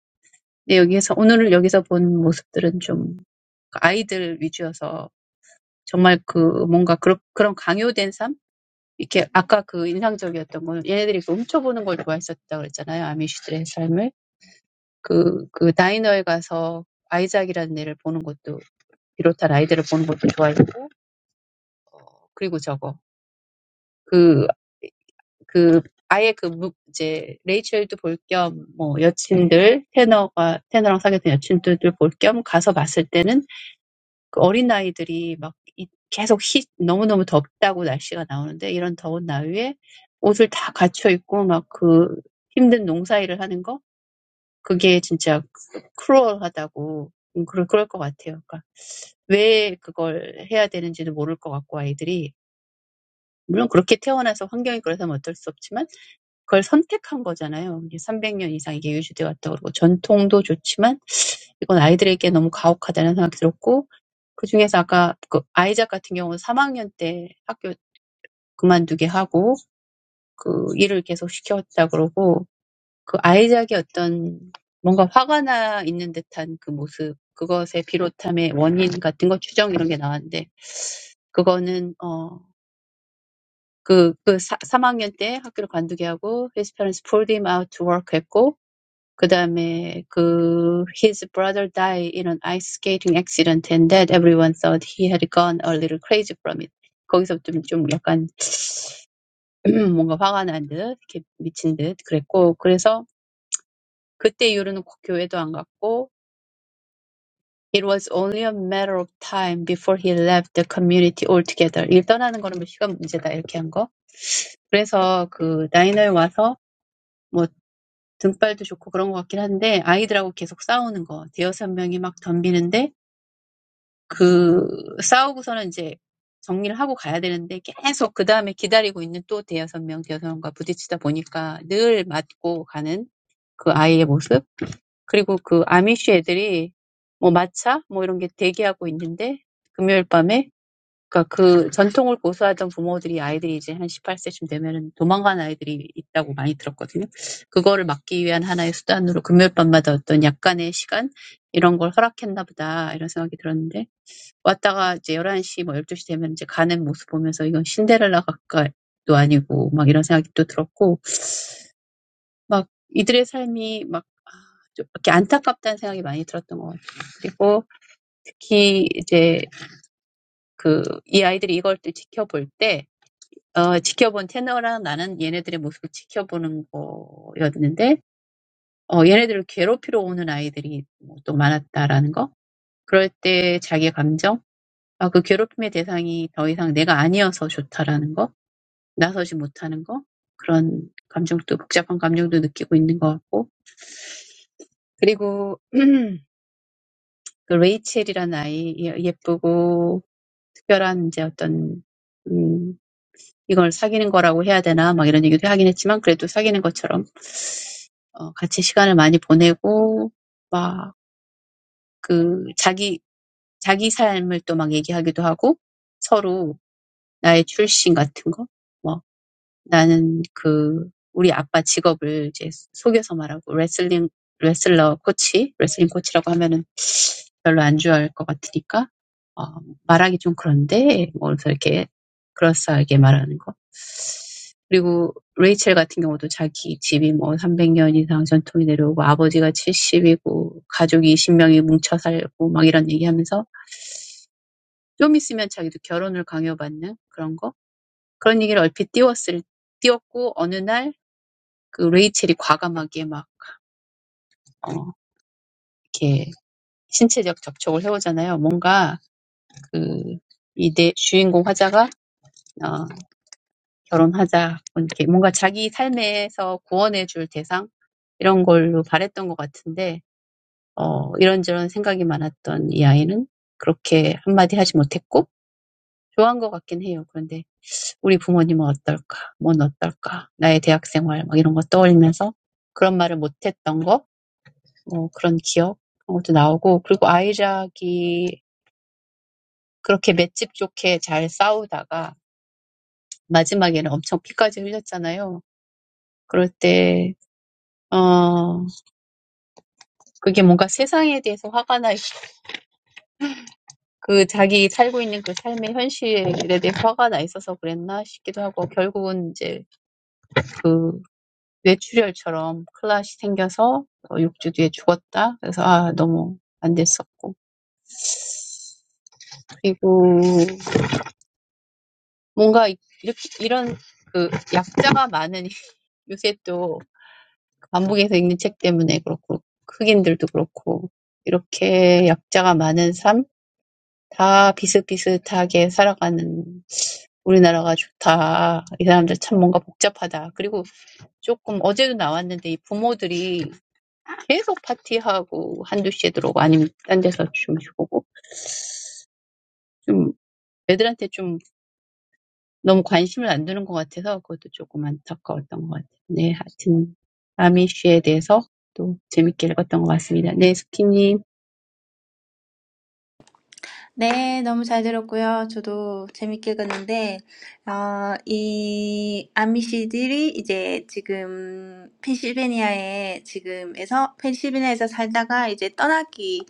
근데 여기에서, 오늘 여기서 본 모습들은 좀 아이들 위주여서 정말 그 뭔가 그런 그런 강요된 삶? 이렇게 아까 그 인상적이었던 거는 얘네들이 그 훔쳐보는 걸 좋아했었다 그랬잖아요. 아미시들의 삶을. 그, 그 다이너에 가서 아이작이라는 애를 보는 것도 비롯한 아이들을 보는 것도 좋아했고 그리고 저거 그, 그 아예 그 무, 이제 레이첼도 볼겸뭐 여친들 테너가 테너랑 사귀었던 여친들도 볼겸 가서 봤을 때는 그 어린 아이들이 막 이- 계속 히, 너무너무 덥다고 날씨가 나오는데 이런 더운 나위에 옷을 다 갖춰 입고 막그 힘든 농사일을 하는 거 그게 진짜 크루얼하다고 음, 그럴 그럴 것 같아요. 그러니까 왜 그걸 해야 되는지도 모를 것 같고 아이들이 물론 그렇게 태어나서 환경이 그래서 어쩔 수 없지만 그걸 선택한 거잖아요. 이게 300년 이상 이게 유지돼 왔다고 그러고 전통도 좋지만 이건 아이들에게 너무 가혹하다는 생각이 들었고 그중에서 아까 그 아이작 같은 경우는 3학년 때 학교 그만두게 하고 그 일을 계속 시켰다 그러고 그 아이작의 어떤 뭔가 화가 나 있는 듯한 그 모습 그것에 비롯함의 원인 같은 거 추정 이런 게 나왔는데 그거는 어, 그, 그 사, 3학년 때 학교를 관두게 하고 his parents pulled him out to work 했고 그다음에 그 his brother died in an ice skating accident and that everyone thought he had gone a little crazy from it. 거기서 좀, 좀 약간 뭔가 화가 난 듯, 이렇게 미친 듯 그랬고 그래서 그때 이후로는 교회도 안 갔고 It was only a matter of time before he left the community altogether. 일 떠나는 거는 뭐 시간 문제다 이렇게 한 거. 그래서 그 나이너에 와서 뭐 등발도 좋고 그런 것 같긴 한데 아이들하고 계속 싸우는 거. 대여섯 명이 막 덤비는데 그 싸우고서는 이제 정리를 하고 가야 되는데 계속 그 다음에 기다리고 있는 또 대여섯 명, 대여섯 명과 부딪히다 보니까 늘 맞고 가는 그 아이의 모습. 그리고 그 아미쉬 애들이 뭐 마차 뭐 이런 게 대기하고 있는데 금요일 밤에 그러니까 그 전통을 고수하던 부모들이 아이들이 이제 한 18세쯤 되면은 도망가는 아이들이 있다고 많이 들었거든요. 그거를 막기 위한 하나의 수단으로 금요일 밤마다 어떤 약간의 시간 이런 걸 허락했나 보다 이런 생각이 들었는데 왔다가 이제 열한 시 뭐 열두 시 되면 이제 가는 모습 보면서 이건 신데렐라 각도 아니고 막 이런 생각이 또 들었고 막 이들의 삶이 막 아, 좀 이렇게 안타깝다는 생각이 많이 들었던 것 같아요. 그리고 특히 이제 그이 아이들이 이걸 또 지켜볼 때 어, 지켜본 테너랑 나는 얘네들의 모습을 지켜보는 거였는데 어, 얘네들을 괴롭히러 오는 아이들이 뭐또 많았다라는 거. 그럴 때 자기의 감정 아, 그 괴롭힘의 대상이 더 이상 내가 아니어서 좋다라는 거, 나서지 못하는 거, 그런 감정도, 복잡한 감정도 느끼고 있는 것 같고. 그리고, 그 레이첼이라는 아이, 예- 예쁘고, 특별한 이제 어떤, 음, 이걸 사귀는 거라고 해야 되나, 막 이런 얘기도 하긴 했지만, 그래도 사귀는 것처럼, 어, 같이 시간을 많이 보내고, 막, 그, 자기, 자기 삶을 또막 얘기하기도 하고, 서로 나의 출신 같은 거, 뭐 나는 그 우리 아빠 직업을 이제 속여서 말하고 레슬링 레슬러 코치, 레슬링 코치라고 하면은 별로 안 좋아할 것 같으니까 어, 말하기 좀 그런데 뭐 그래서 이렇게 그럴싸하게 말하는 거. 그리고 레이첼 같은 경우도 자기 집이 뭐 300년 이상 전통이 내려오고 아버지가 70이고 가족이 20명이 뭉쳐 살고 막 이런 얘기하면서 좀 있으면 자기도 결혼을 강요받는 그런 거. 그런 얘기를 얼핏 띄웠을 띄웠고 어느 날 그 레이첼이 과감하게 막, 어, 이렇게 신체적 접촉을 해오잖아요. 뭔가 그, 이 내, 주인공 화자가, 어, 결혼하자. 이렇게 뭔가 자기 삶에서 구원해줄 대상? 이런 걸로 바랬던 것 같은데, 어, 이런저런 생각이 많았던 이 아이는 그렇게 한마디 하지 못했고, 좋아한 것 같긴 해요. 그런데 우리 부모님은 어떨까? 뭔 어떨까? 나의 대학생활 생활, 막 이런 거 떠올리면서 그런 말을 못했던 거? 어, 그런 기억 그런 것도 나오고 그리고 아이작이 그렇게 맷집 좋게 잘 싸우다가 마지막에는 엄청 피까지 흘렸잖아요. 그럴 때, 어, 그게 뭔가 세상에 대해서 화가 나, 있- 그 자기 살고 있는 그 삶의 현실에 대해 화가 나 있어서 그랬나 싶기도 하고, 결국은 이제 그 뇌출혈처럼 클라시 생겨서 어, 6주 뒤에 죽었다. 그래서 아, 너무 안 됐었고. 그리고 뭔가 이렇게 이런 그 약자가 많은 요새 또 반복해서 읽는 책 때문에 그렇고 흑인들도 그렇고 이렇게 약자가 많은 삶, 다 비슷비슷하게 살아가는 우리나라가 좋다. 이 사람들 참 뭔가 복잡하다. 그리고 조금 어제도 나왔는데 이 부모들이 계속 파티하고 한두 시에 들어오고 아니면 딴 데서 주무시고 좀 애들한테 좀 너무 관심을 안 두는 것 같아서 그것도 조금 안타까웠던 것 같아요. 네, 하여튼 아미쉬에 대해서 또 재밌게 읽었던 것 같습니다. 네, 스키님.
네. 너무 잘 들었고요. 저도 재밌게 읽었는데 어이 아미시들이 이제 지금 펜실베니아에 지금에서 펜실베니아에서 살다가 이제 떠나기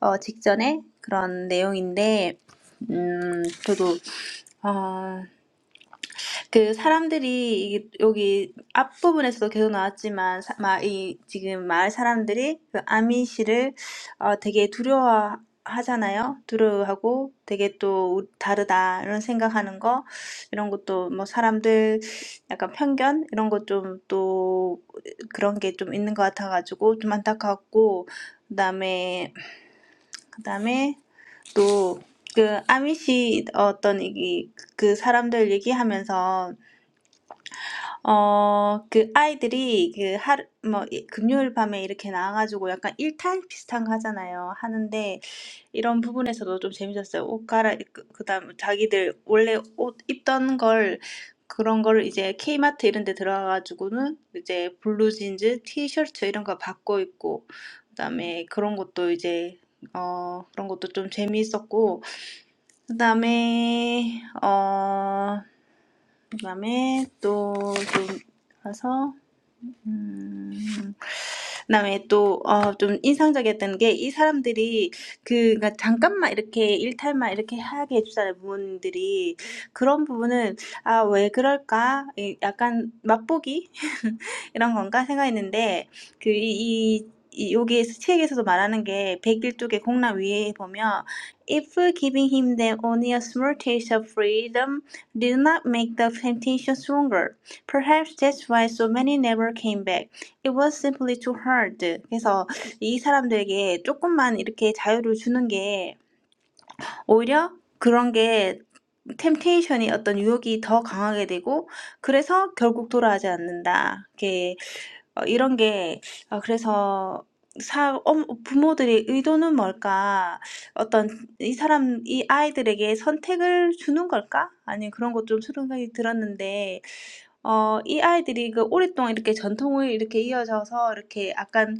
어 직전에 그런 내용인데 음 저도 어 그 사람들이 이- 여기 앞부분에서도 계속 나왔지만 사- 마, 이 지금 마을 사람들이 그 아미시를 어, 되게 두려워하잖아요. 두려워하고 되게 또 우- 다르다 이런 생각하는 거 이런 것도 뭐 사람들 약간 편견 이런 것 좀 또 그런 게 좀 있는 것 같아가지고 좀 안타깝고 그다음에 그다음에 또 그 아미시 어떤 얘기 그 사람들 얘기하면서 어그 아이들이 그 하루 뭐이 금요일 밤에 이렇게 나와가지고 약간 일탈 비슷한 거 하잖아요. 하는데 이런 부분에서도 좀 재밌었어요. 옷 갈아입고 그 다음 자기들 원래 옷 입던 걸 그런 걸 이제 K마트 이런 데 들어가가지고는 이제 블루진즈, 티셔츠 이런 거 바꿔 입고 그 다음에 그런 것도 이제 어 그런 것도 좀 재미있었고 그다음에 어 그다음에 또 좀 가서 음 그다음에 또 어, 좀 인상적이었던 게이 사람들이 그 그러니까 잠깐만 이렇게 일탈만 이렇게 하게 해주잖아요 부모님들이 그런 부분은 아 왜 그럴까 이- 약간 맛보기 이런 건가 생각했는데 그 이, 이 이- 여기에서 책에서도 말하는 게 101쪽의 공란 위에 보면 If giving him them only a small taste of freedom did not make the temptation stronger, perhaps that's why so many never came back. It was simply too hard. 그래서 이 사람들에게 조금만 이렇게 자유를 주는 게 오히려 그런 게 템테이션이 어떤 유혹이 더 강하게 되고 그래서 결국 돌아오지 않는다. 이렇게 어, 이런 게 어, 그래서 사 엄, 부모들의 의도는 뭘까? 어떤 이 사람 이 아이들에게 선택을 주는 걸까? 아니 그런 것 것좀 생각이 들었는데 어 이 아이들이 그 오랫동안 이렇게 전통을 이렇게 이어져서 이렇게 약간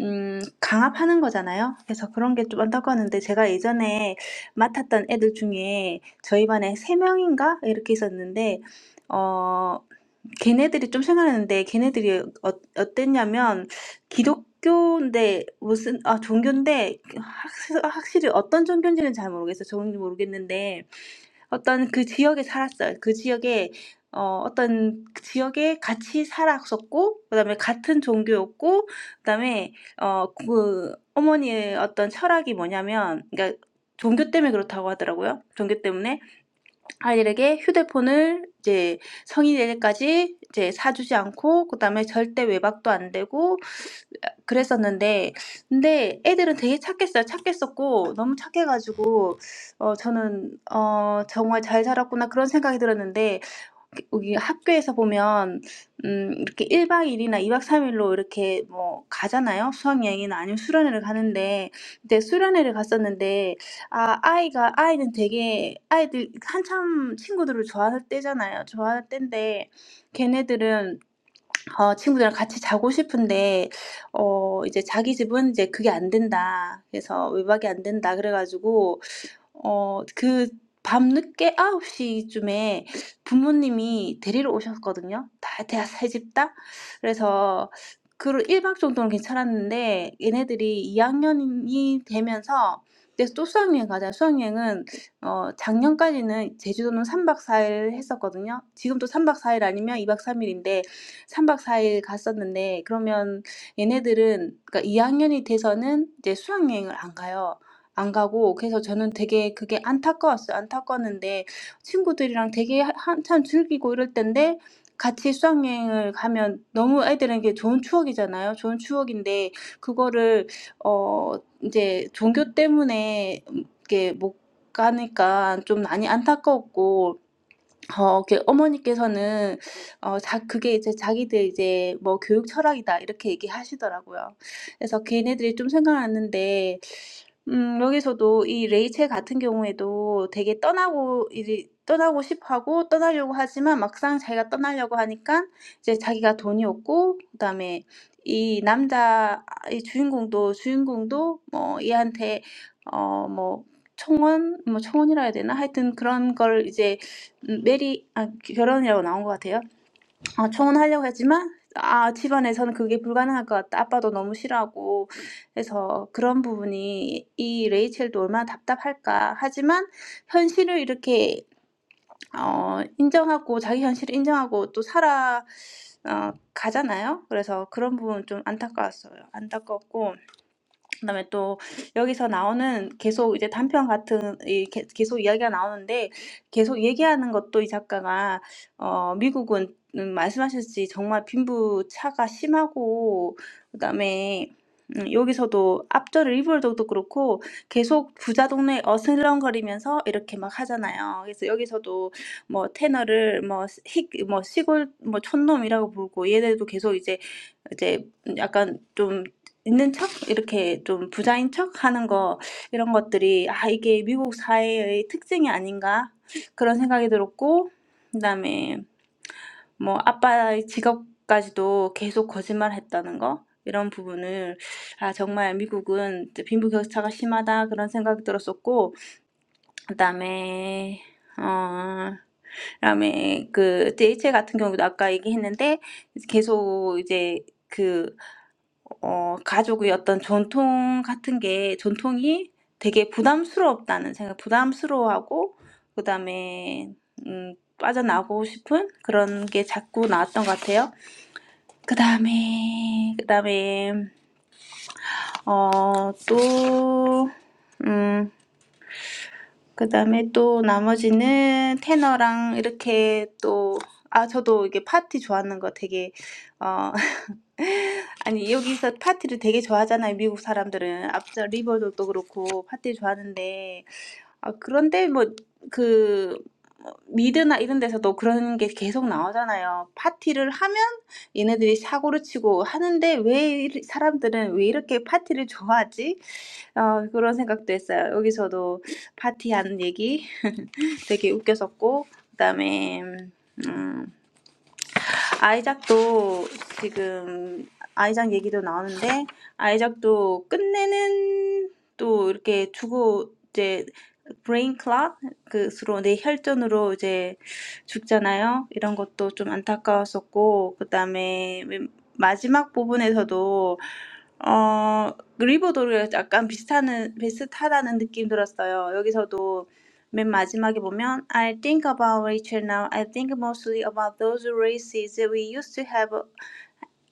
음 강압하는 거잖아요. 그래서 그런 게 좀 안타까웠는데 제가 예전에 맡았던 애들 중에 저희 반에 세 명인가 이렇게 있었는데 어 걔네들이 좀 생각나는데 걔네들이 어 어땠냐면 기독교인데 무슨 아 종교인데 확 확실히 어떤 종교인지는 잘 모르겠어요. 정확히 모르겠는데 어떤 그 지역에 살았어요. 그 지역에 어 어떤 그 지역에 같이 살았었고 그다음에 같은 종교였고 그다음에 어 그 어머니의 어떤 철학이 뭐냐면 그러니까 종교 때문에 그렇다고 하더라고요. 종교 때문에 아이들에게 휴대폰을 이제 성인이 될 때까지 이제 사주지 않고 그다음에 절대 외박도 안 되고 그랬었는데 근데 애들은 되게 착했어요. 착했었고 너무 착해가지고 어 저는 어 '정말 잘 살았구나 그런 생각이 들었는데 여기 학교에서 보면 음 이렇게 1박2 일이나 2박3 일로 이렇게 뭐 가잖아요. 수학여행이나 아니면 수련회를 가는데 근데 수련회를 갔었는데 아 아이가 아이는 되게 아이들 한참 친구들을 좋아할 때잖아요. 좋아할 때인데 걔네들은 어 친구들이랑 같이 자고 싶은데 어 이제 자기 집은 이제 "그게 안 된다." 그래서 "외박이 안 된다." 그래가지고 어 그 밤에 아홉 시에 부모님이요 3집 다. 그래서 그러 괜찮았는데 얘네들이 되면서 그래서 또 수학여행 가자 수학여행은 어 작년까지는 사일요 지금도 3박 왜냐하면 얘네들은 그러니까 이 학년이 돼서는 이제 수학여행을 안 가요. 안 가고 그래서 저는 되게 그게 안타까웠어요. 안타까웠는데 친구들이랑 되게 하- 한참 즐기고 이럴 때인데 같이 수학여행을 가면 너무 애들에게 좋은 추억이잖아요. 좋은 추억인데 그거를 어 이제 종교 때문에 음 이렇게 못 가니까 좀 많이 안타까웠고 어그 어머니께서는 어 자 그게 이제 자기들 이제 뭐 교육 철학이다 이렇게 얘기하시더라고요. 그래서 걔네들이 좀 생각났는데 음 여기서도 이 레이첼 같은 경우에도 되게 떠나고 이제 떠나고 싶어하고 떠나려고 하지만 막상 자기가 떠나려고 하니까 이제 자기가 돈이 없고 그다음에 이 남자 이 주인공도 주인공도 뭐 얘한테 어 뭐 청혼 뭐 청혼이라 해야 되나? 하여튼 그런 걸 이제 음, 메리 아 결혼이라고 나온 것 같아요. 아 청혼하려고 했지만 아 집안에서는 그게 불가능할 것 같다. 아빠도 너무 싫어하고 해서 그런 부분이 이 레이첼도 얼마나 답답할까. 하지만 현실을 이렇게 어 인정하고 자기 현실을 인정하고 또 살아 어 가잖아요. 그래서 그런 부분 좀 안타까웠어요. 안타깝고 그다음에 또 여기서 나오는 계속 이제 단편 같은 이 게- 계속 이야기가 나오는데 계속 얘기하는 것도 이 작가가 어 미국은 음, 말씀하셨지 정말 빈부차가 심하고 그다음에 음, 여기서도 앞절 리벌도도 그렇고 계속 부자 동네 어슬렁거리면서 이렇게 막 하잖아요. 그래서 여기서도 뭐 테너를 뭐 시, 뭐 시골 뭐 촌놈이라고 부르고 얘네도 계속 이제 이제 약간 좀 있는 척 이렇게 좀 부자인 척 하는 거 이런 것들이 아 이게 미국 사회의 특징이 아닌가 그런 생각이 들었고 그다음에 뭐 아빠의 직업까지도 계속 거짓말했다는 거 이런 부분을 아 정말 미국은 이제 빈부격차가 심하다 그런 생각이 들었었고 그다음에 어 그다음에 그 DHL 같은 경우도 아까 얘기했는데 계속 이제 그 어 가족의 어떤 전통 같은 게 전통이 되게 부담스럽다는 생각 부담스러워하고 그다음에 음 빠져나오고 싶은 그런 게 자꾸 나왔던 것 같아요. 그 그다음에 그다음에 어또음 그다음에 또 나머지는 테너랑 이렇게 또 아, 저도 이게 파티 좋아하는 거 되게 어 아니 여기서 파티를 되게 좋아하잖아요. 미국 사람들은 앞서 리버도 그렇고 파티 좋아하는데 아, 그런데 뭐그뭐 미드나 이런 데서도 그런 게 계속 나오잖아요. 파티를 하면 얘네들이 사고를 치고 하는데 왜 이리- 사람들은 왜 이렇게 파티를 좋아하지? 어, 그런 생각도 했어요. 여기서도 파티한 얘기 되게 웃겼었고 그다음에 음, 아이작도 지금 아이작 얘기도 나오는데 아이작도 끝내는 또 이렇게 두고 이제 브레인 클락 그로 뇌 혈전으로 이제 죽잖아요. 이런 것도 좀 안타까웠었고 그다음에 맨 마지막 부분에서도 어 리버도르 약간 비슷하는 비슷하다는 느낌 들었어요. 여기서도 맨 마지막에 보면 I think about Rachel now. I think mostly about those races we used to have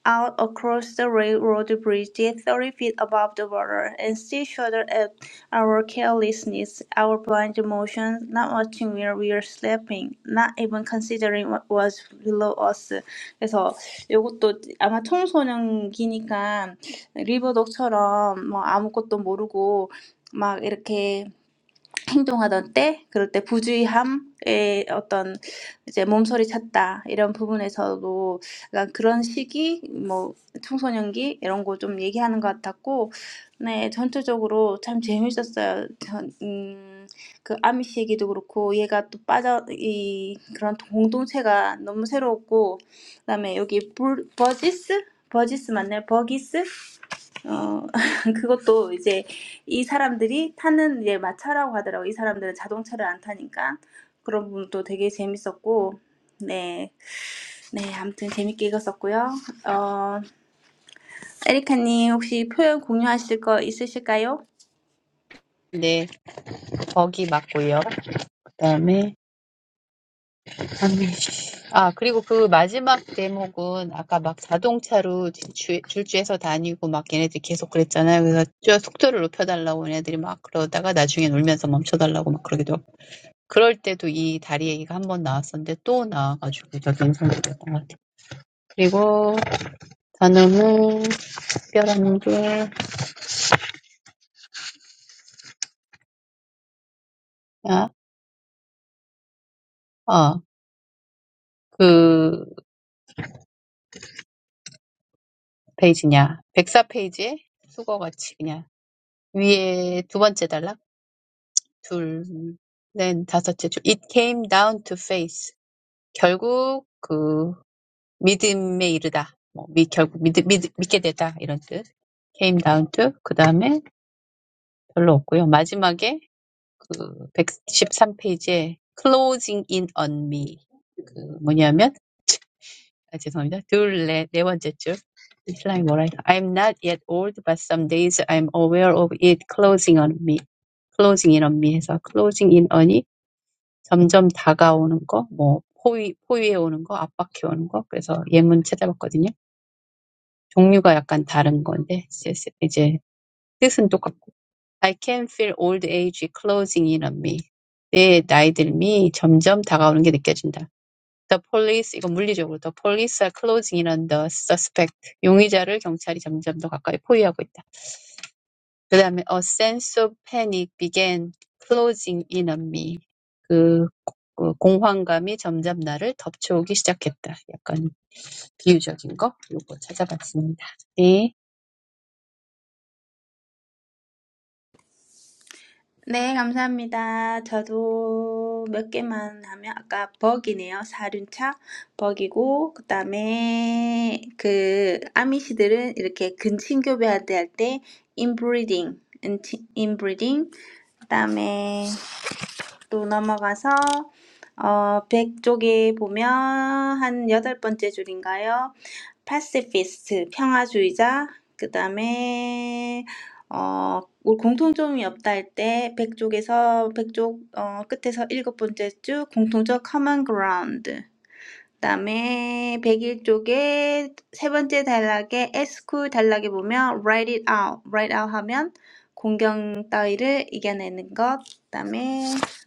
out across the railroad bridge, thirty feet above the water, and still shuddered at our carelessness, our blind emotions, not watching where we were sleeping, not even considering what was below us. 그래서 이것도 아마 청소년기니까 리버독처럼 뭐 아무것도 모르고 막 이렇게 행동하던 때, 그럴 때 부주의함의 어떤 이제 몸소리 찾다 이런 부분에서도 약간 그런 시기, 뭐 청소년기 이런 거좀 얘기하는 것 같았고, 네 전체적으로 참 재밌었어요. 전, 음, 그 아미씨 얘기도 그렇고 얘가 또 빠져 이 그런 공동체가 너무 새로웠고, 그다음에 여기 볼- 버지스 버지스 맞나요? 버기스 어, 그것도 이제 이 사람들이 타는 이제 마차라고 하더라고. 이 사람들은 자동차를 안 타니까. 그런 부분도 되게 재밌었고. 네. 네, 아무튼 재밌게 읽었었고요. 어, 에리카님 혹시 표현 공유하실 거 있으실까요?
네, 거기 맞고요. 그다음에 아미쉬. 아, 그리고 그 마지막 대목은 아까 막 자동차로 질주, 질주해서 다니고 막 얘네들 계속 그랬잖아요. 그래서 저 속도를 높여달라고 얘네들이 막 그러다가 나중에 울면서 멈춰달라고 막 그러기도 하고. 그럴 때도 이 다리 얘기가 한 번 나왔었는데 또 나와가지고 저도 인상 깊었던 것 같아요. 그리고 저놈의 특별한 게, 아, 어, 그 페이지냐. 104페이지에 수거같이 그냥 위에 두 번째 단락, 둘, 넷, 다섯째 줄. It came down to face. 결국 그 믿음에 이르다. 뭐, 미, 결국 믿, 믿, 믿게 되다. 이런 뜻. came down to, 그 다음에 별로 없고요. 마지막에 그 113페이지에 closing in on me. 그 뭐냐면 아, 죄송합니다. 둘, 네, 네 번째 줄. 슬라임 뭐랄까. I'm not yet old, but some days I'm aware of it closing on me. closing in on me 해서 closing in on이 점점 다가오는 거, 뭐 포위, 포위해 오는 거, 압박해 오는 거. 그래서 예문 찾아봤거든요. 종류가 약간 다른 건데 이제 이제 뜻은 똑같고. I can feel old age closing in on me. 내 나이 들미 점점 다가오는 게 느껴진다. The police 이건 물리적으로 The police are closing in on the suspect. 용의자를 경찰이 점점 더 가까이 포위하고 있다. 그 다음에 A sense of panic began closing in on me. 그, 그 공황감이 점점 나를 덮쳐오기 시작했다. 약간 비유적인 거 요거 찾아봤습니다. 네.
네, 감사합니다. 저도 몇 개만 하면 아까 버기네요. 사륜차 버기고 그다음에 그 아미시들은 이렇게 근친교배할 때할 때할때 인브리딩, 인브리딩. 그다음에 또 넘어가서 어, 100쪽에 보면 한 여덟 번째 줄인가요? Pacifist, 평화주의자, 그 다음에 어, 우리 공통점이 없다 할때 100쪽에서 100쪽 어, 끝에서 일곱 번째 줄 공통적 common ground 그다음에 백일 쪽에 세 번째 단락에 에스쿠 단락에 보면 write it out, write out 하면 공경 따위를 이겨내는 것. 그다음에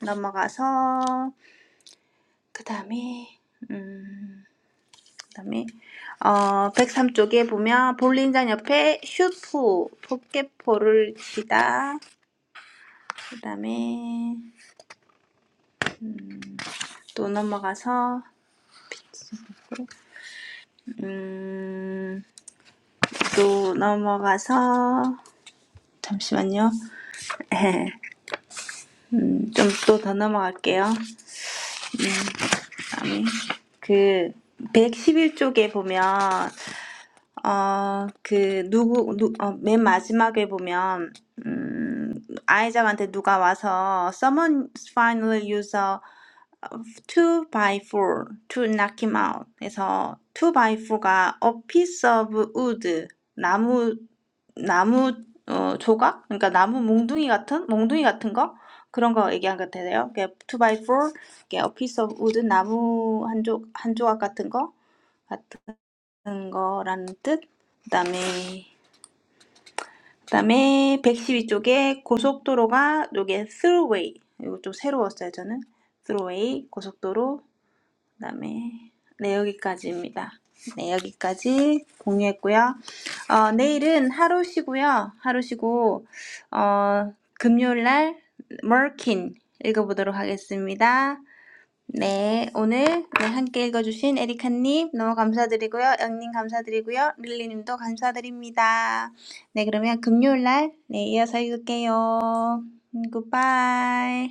넘어가서 그다음에 음 그다음에 어 백삼 쪽에 보면 볼링장 옆에 슈프 포켓볼을 치다. 그다음에 또 넘어가서 음또 넘어가서 잠시만요. 네. 음, 좀 또 더 넘어갈게요. 음, 다음에 그 111쪽에 보면 어, 그 누구 누, 어, 맨 마지막에 보면 음, 아이작한테 누가 와서 someone finally used a of two by four to knock him out. 그래서 two by four가 a piece of wood, 나무, 나무 어, 조각? 그러니까 나무 몽둥이 같은? 몽둥이 같은 거? 그런 거 얘기한 것 같아요. two by four, a piece of wood, 나무 한, 조, 한 조각 같은 거? 같은 거라는 뜻. 그다음에 그다음에 백십이 쪽에 고속도로가 요게 throughway. 이거 좀 새로웠어요, 저는. throughway 고속도로 그다음에 네 여기까지입니다. 네 여기까지 공유했고요. 어, 내일은 하루 쉬고요. 하루 쉬고 어, 금요일날 머킨 읽어보도록 하겠습니다. 네 오늘 네, 함께 읽어주신 에리카님 너무 감사드리고요. 영님 감사드리고요. 릴리님도 감사드립니다. 네 그러면 금요일날 네, 이어서 읽을게요. 굿바이.